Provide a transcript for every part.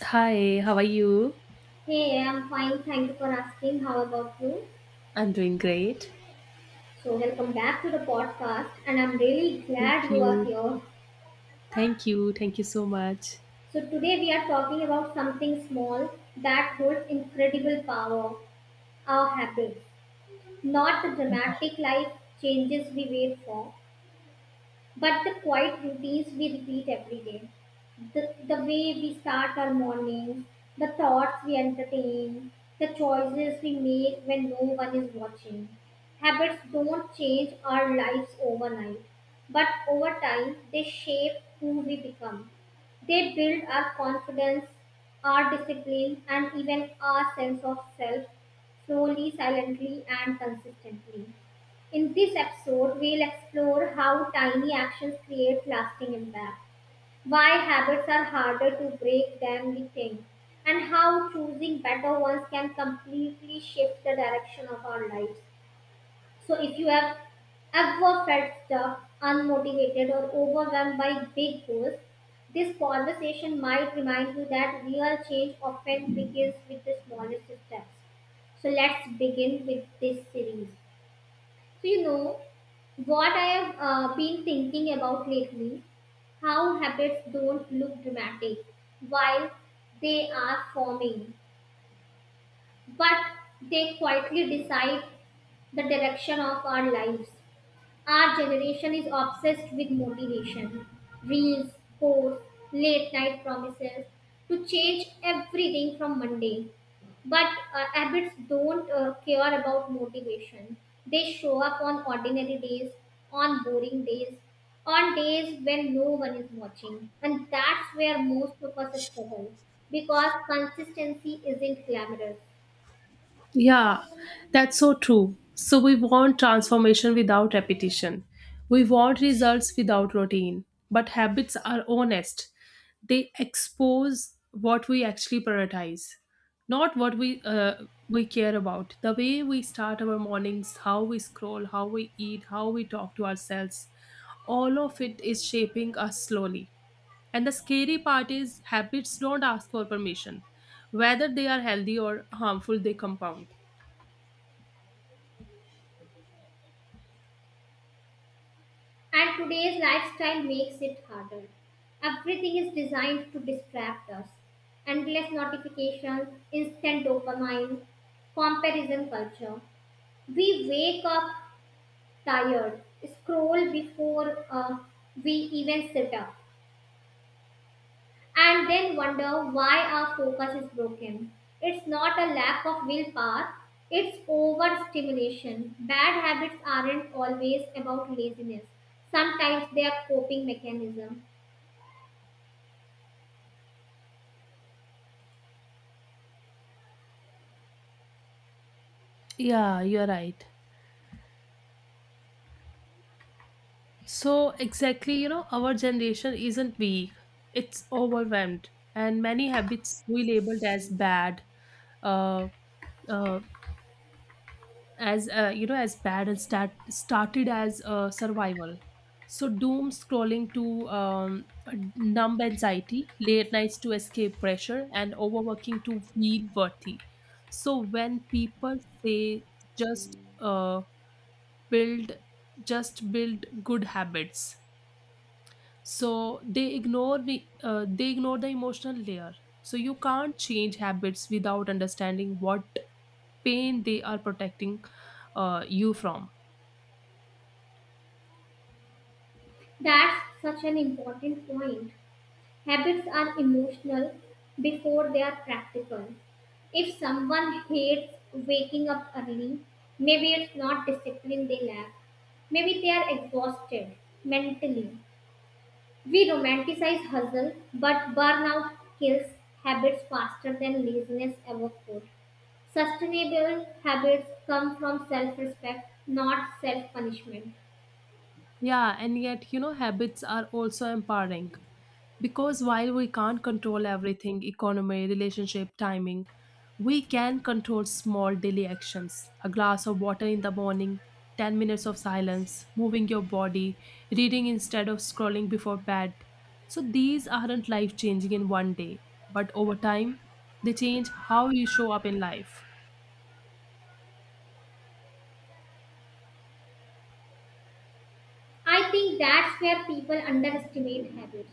Hi, how are you? Hey, I'm fine. Thank you for asking. How about you? I'm doing great. So, welcome back to the podcast, and I'm really Thank glad you are you. here. Thank you. Thank you so much. So, today we are talking about something small that holds incredible power, our habits, not the dramatic life changes we wait for, but the quiet routines we repeat every day, the way we start our mornings, the thoughts we entertain, the choices we make when no one is watching. Habits don't change our lives overnight, but over time they shape who we become. They build our confidence, our discipline, and even our sense of self, slowly, silently, and consistently. In this episode, we'll explore how tiny actions create lasting impact, why habits are harder to break than we think, and how choosing better ones can completely shift the direction of our lives. So, if you have ever felt stuck, unmotivated, or overwhelmed by big goals, this conversation might remind you that real change often begins with the smallest steps. So, let's begin with this series. So, you know what I have been thinking about lately? How habits don't look dramatic while they are forming, but they quietly decide the direction of our lives. Our generation is obsessed with motivation, reels, quotes, late night promises to change everything from Monday. But abbots don't care about motivation. They show up on ordinary days, on boring days, on days when no one is watching. And that's where most of us struggle because consistency isn't glamorous. Yeah, that's so true. So, we want transformation without repetition. We want results without routine. But habits are honest. They expose what we actually prioritize, not what we care about. The way we start our mornings, how we scroll, how we eat, how we talk to ourselves, all of it is shaping us slowly. And the scary part is, habits don't ask for permission. Whether they are healthy or harmful, they compound. And today's lifestyle makes it harder. Everything is designed to distract us. Endless notifications, instant dopamine, comparison culture. We wake up tired, scroll before we even sit up, and then wonder why our focus is broken. It's not a lack of willpower, it's overstimulation. Bad habits aren't always about laziness, sometimes they are coping mechanisms. Yeah, you're right. So, exactly, you know, our generation isn't weak, it's overwhelmed. And many habits we labeled as bad, uh, uh, and started as survival. So doom scrolling to numb anxiety, late nights to escape pressure, and overworking to feel worthy. So when people say just build build good habits, so they ignore the, emotional layer. So you can't change habits without understanding what pain they are protecting you from. That's such an important point. Habits are emotional before they are practical. If someone hates waking up early, maybe it's not discipline they lack. Maybe they are exhausted mentally. We romanticize hustle, but burnout kills habits faster than laziness ever could. Sustainable habits come from self respect, not self punishment. Yeah, and yet, you know, habits are also empowering, because while we can't control everything, economy, relationship, timing, we can control small daily actions. A glass of water in the morning, 10 minutes of silence, moving your body, reading instead of scrolling before bed. So these aren't life changing in one day, but over time, they change how you show up in life. I think that's where people underestimate habits.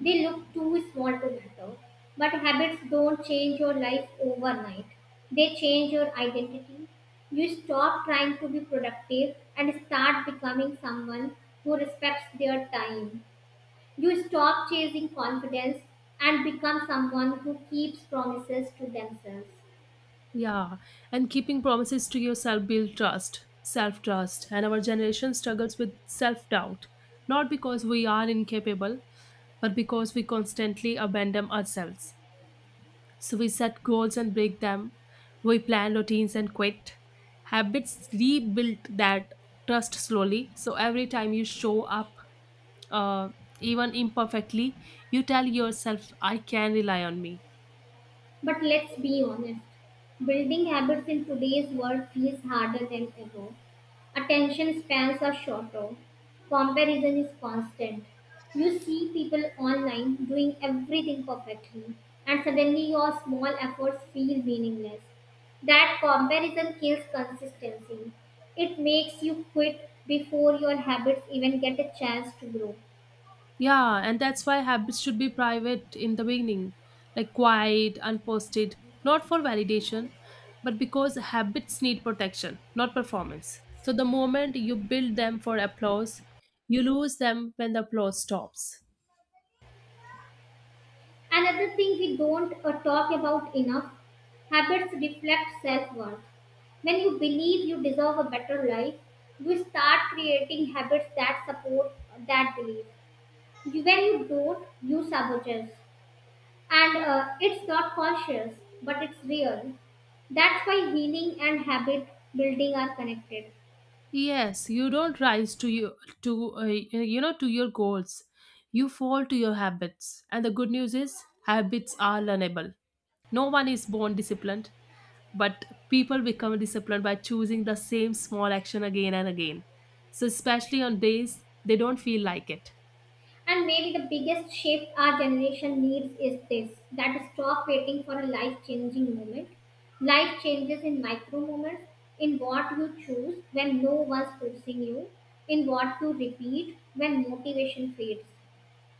They look too small to matter. But habits don't change your life overnight, they change your identity. You stop trying to be productive and start becoming someone who respects their time. You stop chasing confidence and become someone who keeps promises to themselves. Yeah, and keeping promises to yourself build trust, self trust. And our generation struggles with self doubt, not because we are incapable, but because we constantly abandon ourselves. So we set goals and break them, we plan routines and quit. Habits rebuild that trust slowly. So every time you show up, uh, even imperfectly, you tell yourself, I can rely on me. But let's be honest, building habits in today's world feels harder than ever. Attention spans are shorter, comparison is constant. You see people online doing everything perfectly, and suddenly your small efforts feel meaningless. That comparison kills consistency. It makes you quit before your habits even get a chance to grow. Yeah, and that's why habits should be private in the beginning, like quiet, unposted, not for validation, but because habits need protection, not performance. So the moment you build them for applause, you lose them when the applause stops. Another thing we don't talk about enough, habits reflect self worth. When you believe you deserve a better life, you start creating habits that support that belief. When you don't, you sabotage. And it's not conscious, but it's real. That's why healing and habit building are connected. Yes, you don't rise to your goals. You fall to your habits. And the good news is, habits are learnable. No one is born disciplined, but people become disciplined by choosing the same small action again and again, So, especially on days they don't feel like it. And maybe the biggest shift our generation needs is this, that stop waiting for a life changing moment. Life changes in micro moments, in what you choose when no one's forcing you, in what you repeat when motivation fades.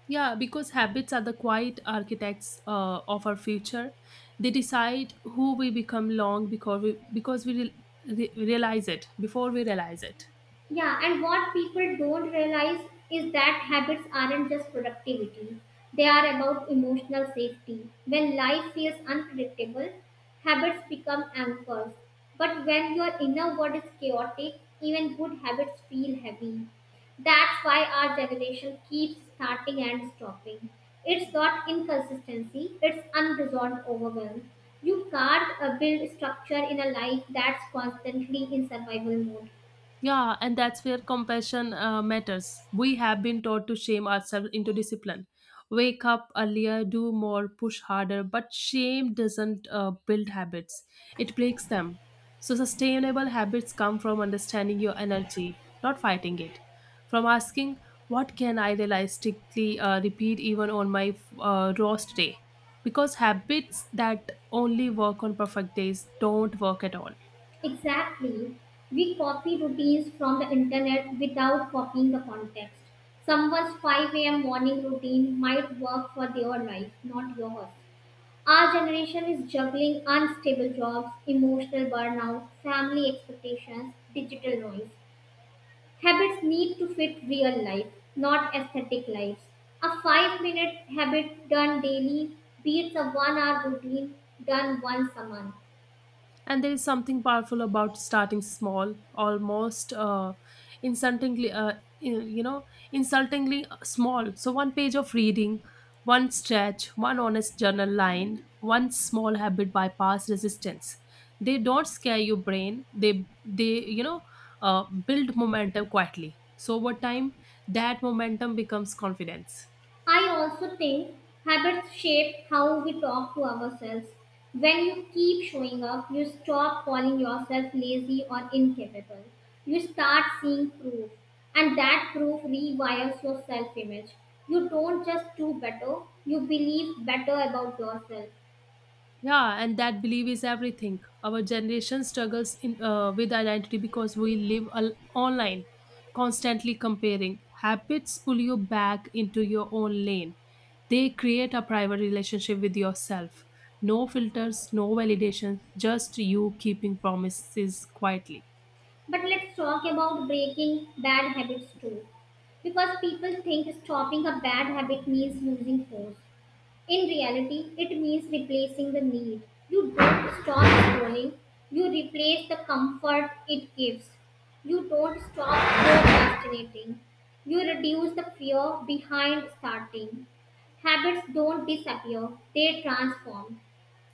Yeah, because habits are the quiet architects of our future. They decide who we become long because we re- re- realize it before we realize it. Yeah, and what people don't realize is that habits aren't just productivity, they are about emotional safety. When life feels unpredictable, habits become anchors. But when your inner world is chaotic, even good habits feel heavy. That's why our generation keeps starting and stopping. It's not inconsistency, it's unresolved overwhelm. You can't build structure in a life that's constantly in survival mode. Yeah, and that's where compassion matters. We have been taught to shame ourselves into discipline. Wake up earlier, do more, push harder, but shame doesn't build habits, it breaks them. So, sustainable habits come from understanding your energy, not fighting it. From asking, what can I realistically repeat even on my roast day? Because habits that only work on perfect days don't work at all. Exactly. We copy routines from the internet without copying the context. Someone's 5 a.m. morning routine might work for their life, not yours. Our generation is juggling unstable jobs, emotional burnout, family expectations, digital noise. Habits need to fit real life, not aesthetic lives. A 5 minute habit done daily beats a one hour routine done once a month. And there is something powerful about starting small, almost insultingly, you you know, insultingly small. So one page of reading, one stretch, one honest journal line, one small habit bypass resistance. They don't scare your brain. They build momentum quietly. So over time, that momentum becomes confidence. I also think habits shape how we talk to ourselves. When you keep showing up, you stop calling yourself lazy or incapable. You start seeing proof, and that proof rewires your self image. You don't just do better, you believe better about yourself. Yeah, and that belief is everything. Our generation struggles with identity because we live online, constantly comparing. Habits pull you back into your own lane. They create a private relationship with yourself. No filters, no validation, just you keeping promises quietly. But let's talk about breaking bad habits too, because people think stopping a bad habit means losing force. In reality, it means replacing the need. You don't stop scrolling, you replace the comfort it gives. You don't stop procrastinating, you reduce the fear behind starting. Habits don't disappear, they transform.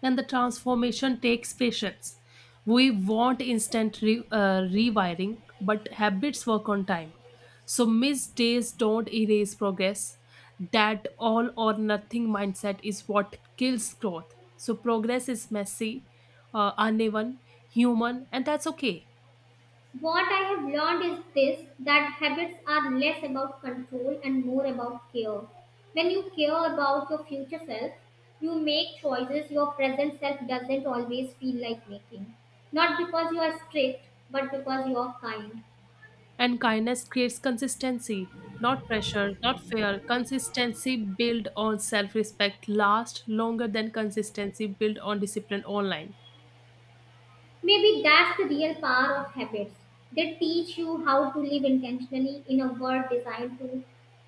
And the transformation takes patience. We want instant rewiring, but habits work on time. So, missed days don't erase progress. That all or nothing mindset is what kills growth. So, progress is messy, uneven, human, and that's okay. What I have learned is this, that habits are less about control and more about care. When you care about your future self, you make choices your present self doesn't always feel like making. Not because you are strict, but because you are kind. And kindness creates consistency, not pressure, not fear. Consistency built on self respect lasts longer than consistency built on discipline online. Maybe that's the real power of habits. They teach you how to live intentionally in a world designed to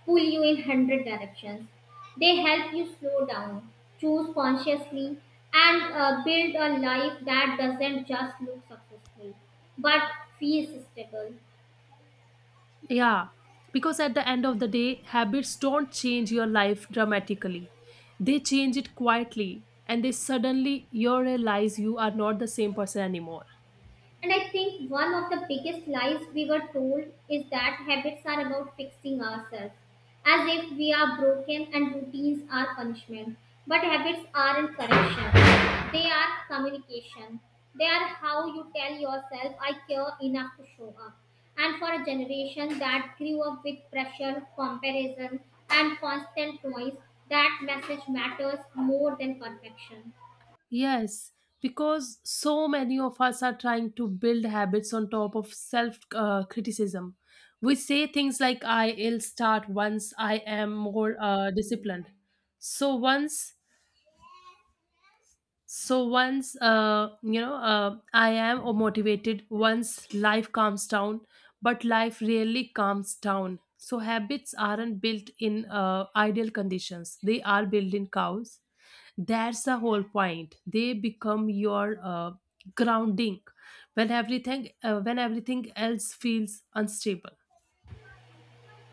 pull you in 100 directions. They help you slow down, choose consciously, and build a life that doesn't just look successful but feels stable. Yeah, because at the end of the day, habits don't change your life dramatically. They change it quietly, and they suddenly you realize you are not the same person anymore. And I think one of the biggest lies we were told is that habits are about fixing ourselves, as if we are broken and routines are punishment. But habits aren't correction, they are communication. They are how you tell yourself, I care enough to show up. And for a generation that grew up with pressure, comparison, and constant noise, that message matters more than perfection. Yes, because so many of us are trying to build habits on top of self criticism. We say things like, I'll start once I am more disciplined. So once so once I am motivated, once life calms down. But life rarely calms down, so habits aren't built in ideal conditions, they are built in chaos. That's the whole point. They become your grounding when everything, when everything else feels unstable.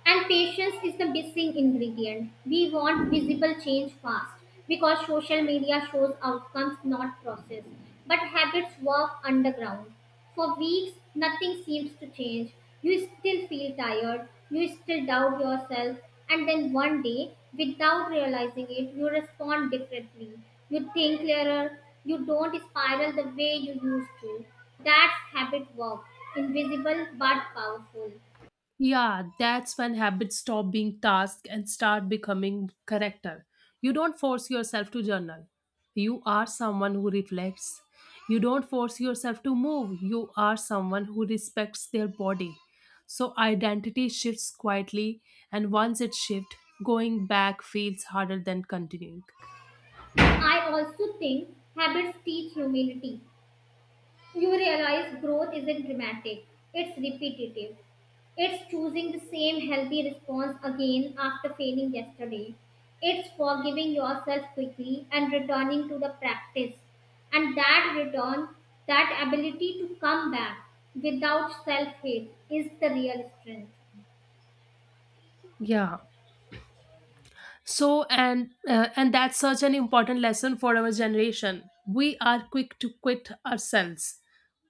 And patience is the missing ingredient. We want visible change fast because social media shows outcomes, not process. But habits work underground. For weeks, nothing seems to change. You still feel tired, you still doubt yourself, and then one day, without realizing it, you respond differently. You think clearer, you don't spiral the way you used to. That's habit work, invisible but powerful. Yeah, that's when habits stop being tasks and start becoming character. You don't force yourself to journal. You are someone who reflects. You don't force yourself to move. You are someone who respects their body. So identity shifts quietly, and once it shifts, going back feels harder than continuing. I also think habits teach humility. You realize growth isn't dramatic, it's repetitive. It's choosing the same healthy response again after failing yesterday. It's forgiving yourself quickly and returning to the practice. And that return, that ability to come back without self hate, is the real strength. Yeah. And that's such an important lesson for our generation. We are quick to quit ourselves.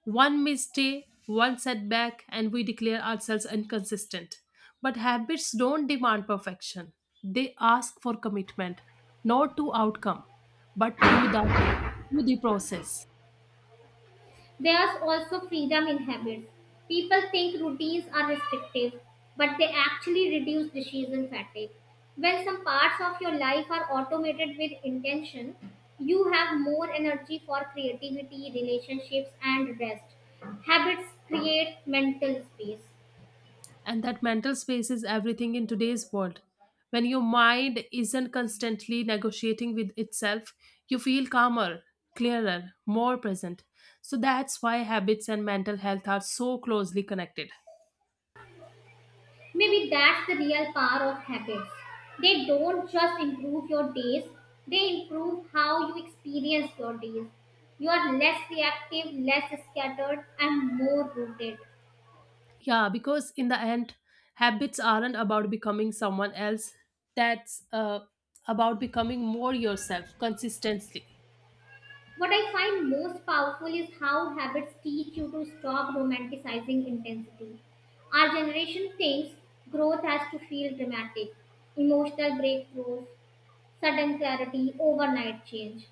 One mistake, one setback, and we declare ourselves inconsistent. But habits don't demand perfection, they ask for commitment, not to outcome, but to the process. There's also freedom in habits. People think routines are restrictive, but they actually reduce decision fatigue. When some parts of your life are automated with intention, you have more energy for creativity, relationships, and rest. Habits create mental space. And that mental space is everything in today's world. When your mind isn't constantly negotiating with itself, you feel calmer, clearer, more present. So that's why habits and mental health are so closely connected. Maybe that's the real power of habits. They don't just improve your days, they improve how you experience your days. You are less reactive, less scattered, and more rooted. Yeah, because in the end, habits aren't about becoming someone else, that's about becoming more yourself consistently. What I find most powerful is how habits teach you to stop romanticizing intensity. Our generation thinks growth has to feel dramatic, emotional breakthroughs, sudden clarity, overnight change.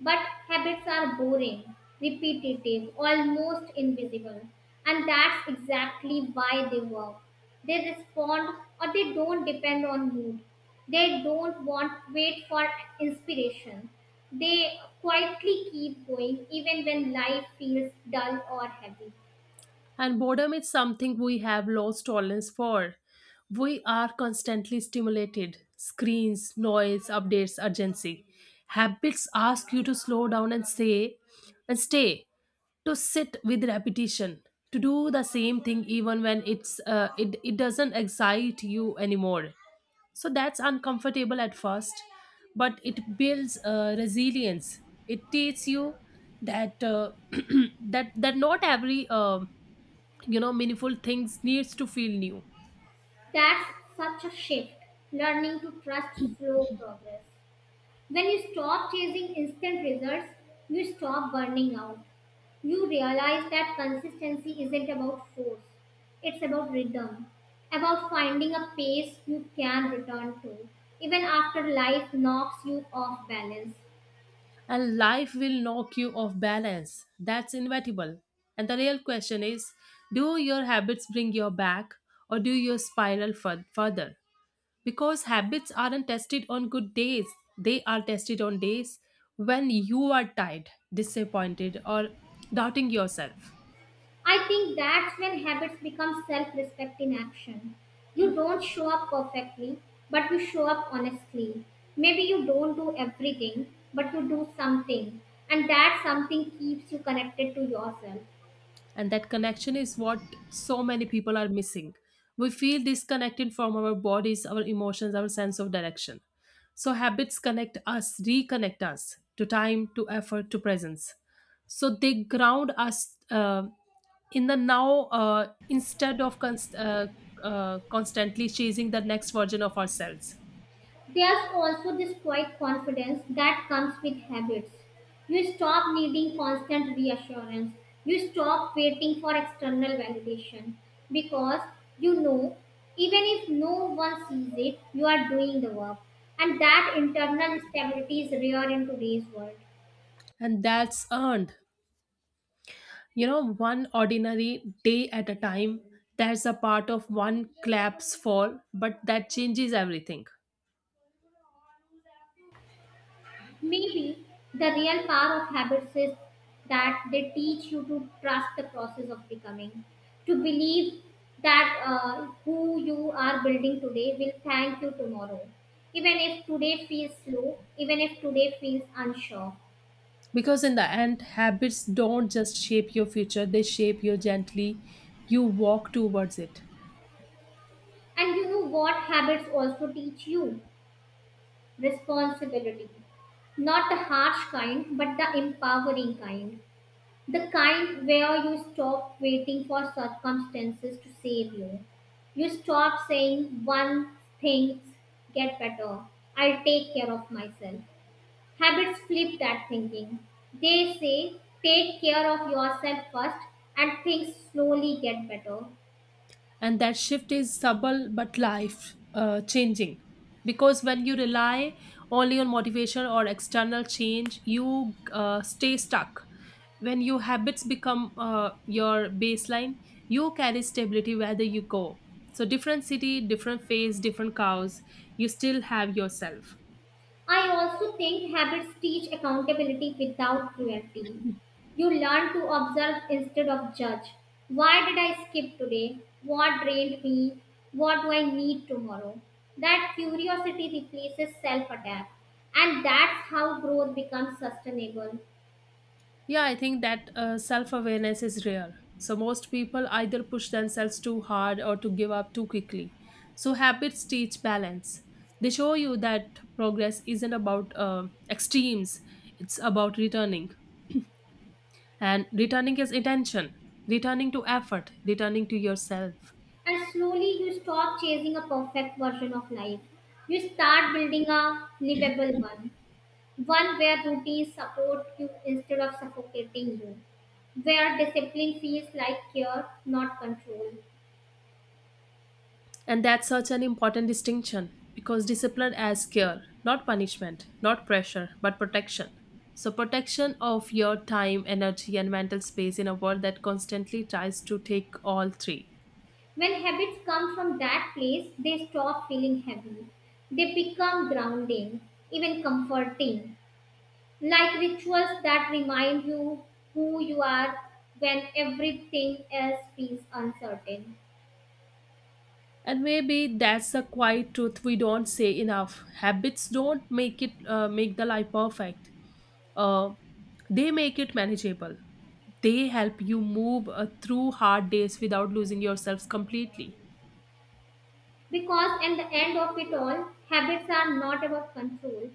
But habits are boring, repetitive, almost invisible. And that's exactly why they work. They respond or they don't depend on mood. They don't want wait for inspiration. They quietly keep going even when life feels dull or heavy. And boredom is something we have lost tolerance for. We are constantly stimulated, screens, noise, updates, urgency. Habits ask you to slow down and say and stay, to sit with repetition, to do the same thing even when it doesn't excite you anymore. So that's uncomfortable at first, but it builds resilience. It teaches you that, that not every meaningful things needs to feel new. That's such a shift, learning to trust slow progress. When you stop chasing instant results, you stop burning out. You realize that consistency isn't about force, it's about rhythm, about finding a pace you can return to, even after life knocks you off balance. And life will knock you off balance, that's inevitable. And the real question is, do your habits bring you back, or do you spiral further? Because habits aren't tested on good days, they are tested on days when you are tired, disappointed, or doubting yourself. I think that's when habits become self respect in action. You don't show up perfectly, but you show up honestly. Maybe you don't do everything, but you do something, and that something keeps you connected to yourself. And that connection is what so many people are missing. We feel disconnected from our bodies, our emotions, our sense of direction. So habits connect us, reconnect us, to time, to effort, to presence. So they ground us in the now, instead of constantly chasing the next version of ourselves. There's also this quiet confidence that comes with habits. You stop needing constant reassurance. You stop waiting for external validation because you know, even if no one sees it, you are doing the work. And that internal stability is rare in today's world. And that's earned, one ordinary day at a time. That's a part of one claps for, but that changes everything. Maybe the real power of habits is that they teach you to trust the process of becoming, to believe that who you are building today will thank you tomorrow, even if today feels slow, even if today feels unsure. Because in the end, habits don't just shape your future, they shape you gently. You walk towards it. And you know what habits also teach you? Responsibility. Not the harsh kind, but the empowering kind. The kind where you stop waiting for circumstances to save you. You stop saying, one things get better, I'll take care of myself. Habits flip that thinking. They say, take care of yourself first and things slowly get better. And that shift is subtle but life changing, because when you rely only on motivation or external change, you stay stuck. When your habits become your baseline, you carry stability whether you go. So different city, different phase, different cows, you still have yourself. I also think habits teach accountability without cruelty. You learn to observe instead of judge. Why did I skip today? What drained me? What do I need tomorrow? That curiosity replaces self attack. And that's how growth becomes sustainable. Yeah, I think that self awareness is rare. So, most people either push themselves too hard or to give up too quickly. So, habits teach balance. They show you that progress isn't about extremes, it's about returning. And returning is intention, returning to effort, returning to yourself. And slowly you stop chasing a perfect version of life. You start building a livable one. One where routines support you instead of suffocating you. Where discipline feels like care, not control. And that's such an important distinction, because discipline as care, not punishment, not pressure, but protection. So, protection of your time, energy, and mental space in a world that constantly tries to take all three. When habits come from that place, they stop feeling heavy. They become grounding, even comforting, like rituals that remind you who you are when everything else feels uncertain. And maybe that's the quiet truth we don't say enough. Habits don't make the life perfect. Uh, they make it manageable. They help you move through hard days without losing yourselves completely. Because at the end of it all, habits are not about control,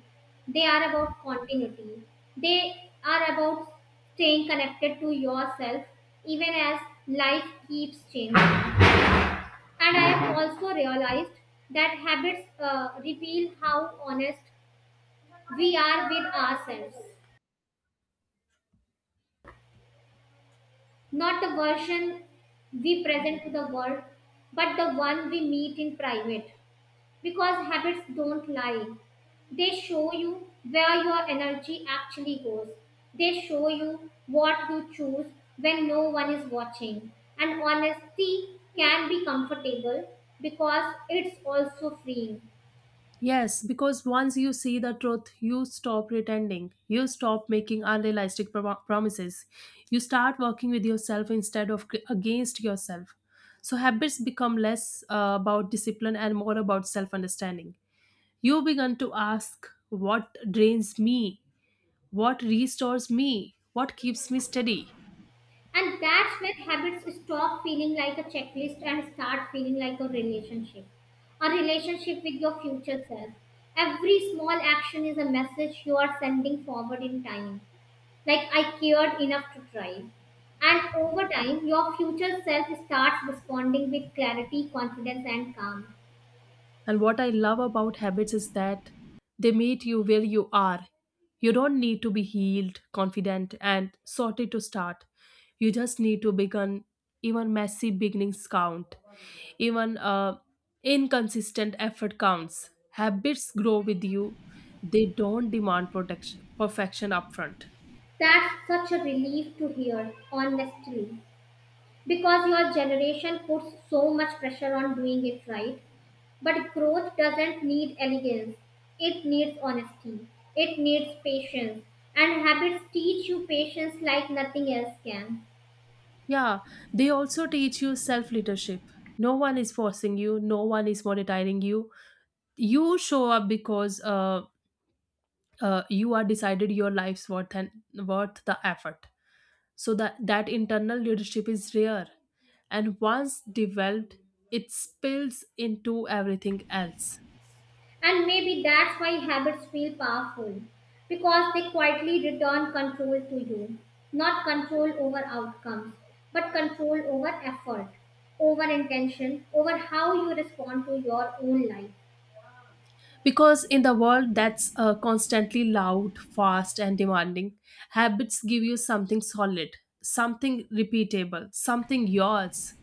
they are about continuity. They are about staying connected to yourself even as life keeps changing. And I have also realized that habits reveal how honest we are with ourselves, not the version we present to the world, but the one we meet in private. Because habits don't lie. They show you where your energy actually goes. They show you what you choose when no one is watching. And honesty can be comfortable because it's also freeing. Yes, because once you see the truth, you stop pretending. You stop making unrealistic promises. You start working with yourself instead of against yourself. So habits become less about discipline and more about self understanding. You begin to ask, what drains me, what restores me, what keeps me steady? And that's when habits stop feeling like a checklist and start feeling like a relationship. A relationship with your future self. Every small action is a message you are sending forward in time. Like I cared enough to try. And over time, your future self starts responding with clarity, confidence, and calm. And what I love about habits is that they meet you where you are. You don't need to be healed, confident, and sorted to start. You just need to begin. Even messy beginnings count. Even inconsistent effort counts. Habits grow with you. They don't demand protection, perfection upfront. That's such a relief to hear, honestly, because your generation puts so much pressure on doing it right. But growth doesn't need elegance, it needs honesty, it needs patience, and habits teach you patience like nothing else can. Yeah, they also teach you self leadership. No one is forcing you, no one is monetizing you. You show up because you are decided your life's worth and worth the effort. So that internal leadership is rare, and once developed, it spills into everything else. And maybe that's why habits feel powerful, because they quietly return control to you. Not control over outcomes, but control over effort, over intention, over how you respond to your own life. Because in the world that's constantly loud, fast, and demanding, habits give you something solid, something repeatable, something yours.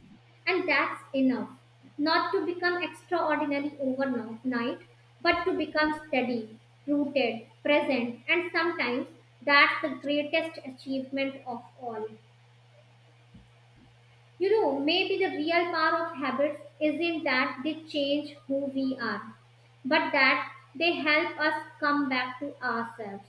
And that's enough. Not to become extraordinary overnight, but to become steady, rooted, present, and sometimes that's the greatest achievement of all. You know, maybe the real power of habits isn't that they change who we are, but that they help us come back to ourselves.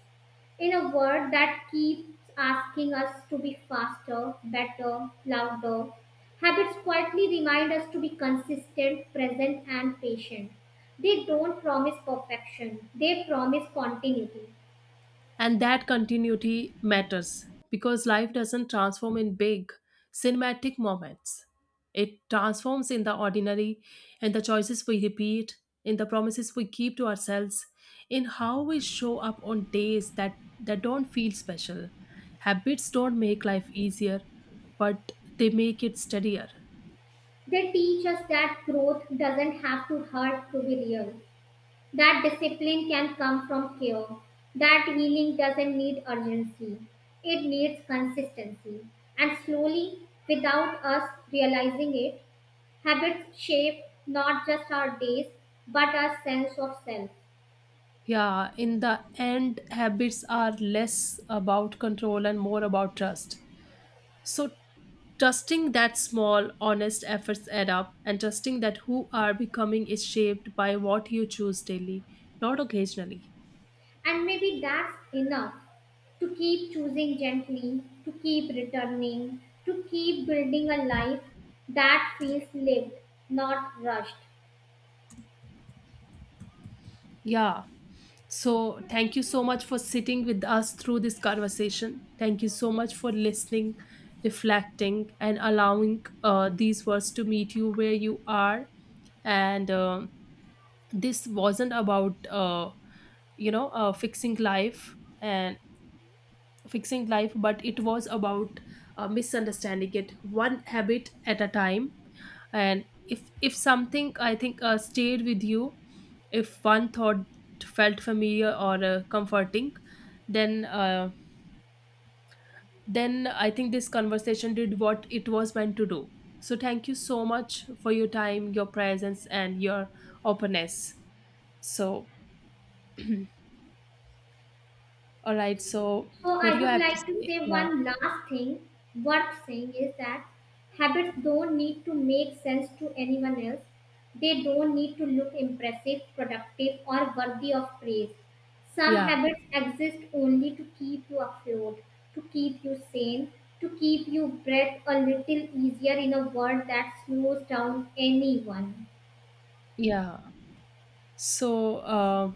In a world that keeps asking us to be faster, better, louder, habits quietly remind us to be consistent, present, and patient. They don't promise perfection, they promise continuity. And that continuity matters, because life doesn't transform in big, cinematic moments. It transforms in the ordinary, in the choices we repeat, in the promises we keep to ourselves, in how we show up on days that don't feel special. Habits don't make life easier, but they make it steadier. They teach us that growth doesn't have to hurt to be real. That discipline can come from care. That healing doesn't need urgency, it needs consistency. And slowly, without us realizing it, habits shape not just our days but our sense of self. Yeah, in the end, habits are less about control and more about trust. So, trusting that small, honest efforts add up, and trusting that who are becoming is shaped by what you choose daily, not occasionally. And maybe that's enough to keep choosing gently, to keep returning, to keep building a life that feels lived, not rushed. Yeah. So thank you so much for sitting with us through this conversation. Thank you so much for listening, reflecting, and allowing these words to meet you where you are. And this wasn't about you know fixing life and fixing life but it was about misunderstanding it one habit at a time. And if something, I think, stayed with you, if one thought felt familiar or comforting, then uh, then I think this conversation did what it was meant to do. So thank you so much for your time, your presence, and your openness. So, all right. So, So what do I you would have to like to say? say Yeah. one last thing worth saying is that habits don't need to make sense to anyone else. They don't need to look impressive, productive, or worthy of praise. Some Yeah. habits exist only to keep you afloat, to keep you sane, to keep you breath a little easier in a world that slows down anyone. Yeah. So,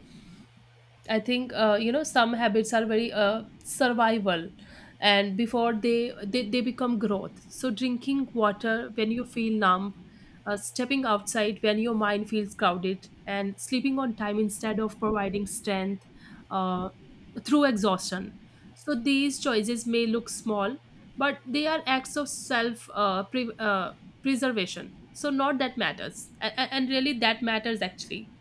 I think, some habits are very survival, and before they become growth. So drinking water when you feel numb, stepping outside when your mind feels crowded, and sleeping on time instead of providing strength uh, through exhaustion. So these choices may look small, but they are acts of self preservation. So not that matters, and really that matters actually.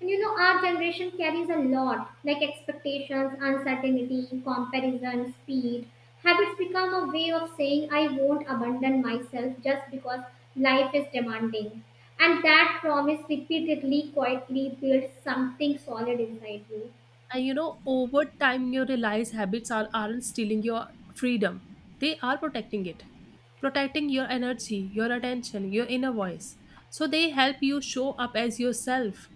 And you know, our generation carries a lot like expectations, uncertainty, comparison, speed. Habits become a way of saying, I won't abandon myself just because life is demanding. And that promise repeatedly, quietly builds something solid inside you. And you know, over time you realize habits aren't stealing your freedom, they are protecting it, protecting your energy, your attention, your inner voice. So they help you show up as yourself,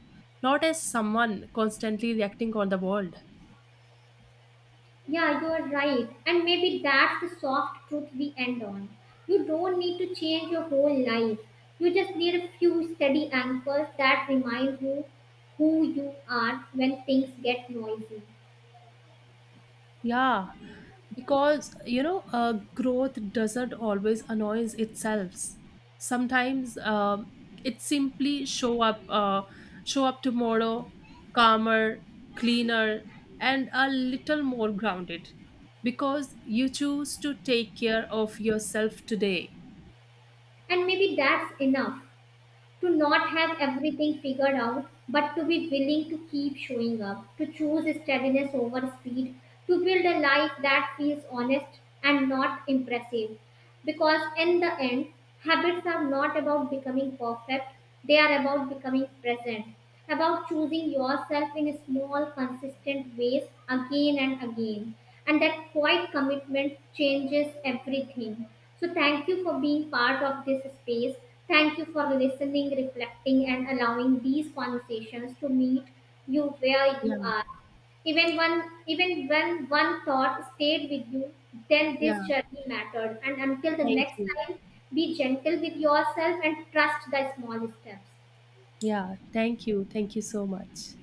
not as someone constantly reacting on the world. Yeah, you are right. And maybe that's the soft truth we end on. You don't need to change your whole life. You just need a few steady anchors that remind you who you are when things get noisy. Yeah, because growth doesn't always announce itself. Sometimes it simply show up tomorrow, calmer, cleaner, and a little more grounded, because you choose to take care of yourself today. And maybe that's enough to not have everything figured out, but to be willing to keep showing up, to choose steadiness over speed, to build a life that feels honest and not impressive. Because in the end, habits are not about becoming perfect, they are about becoming present, about choosing yourself in small, consistent ways again and again. And that quiet commitment changes everything. So, thank you for being part of this space. Thank you for listening, reflecting, and allowing these conversations to meet you where Yeah, you are. Even one, even when one thought stayed with you, then this yeah. journey mattered. And until the Thank next you. time, be gentle with yourself and trust the small steps. Yeah, thank you. Thank you so much.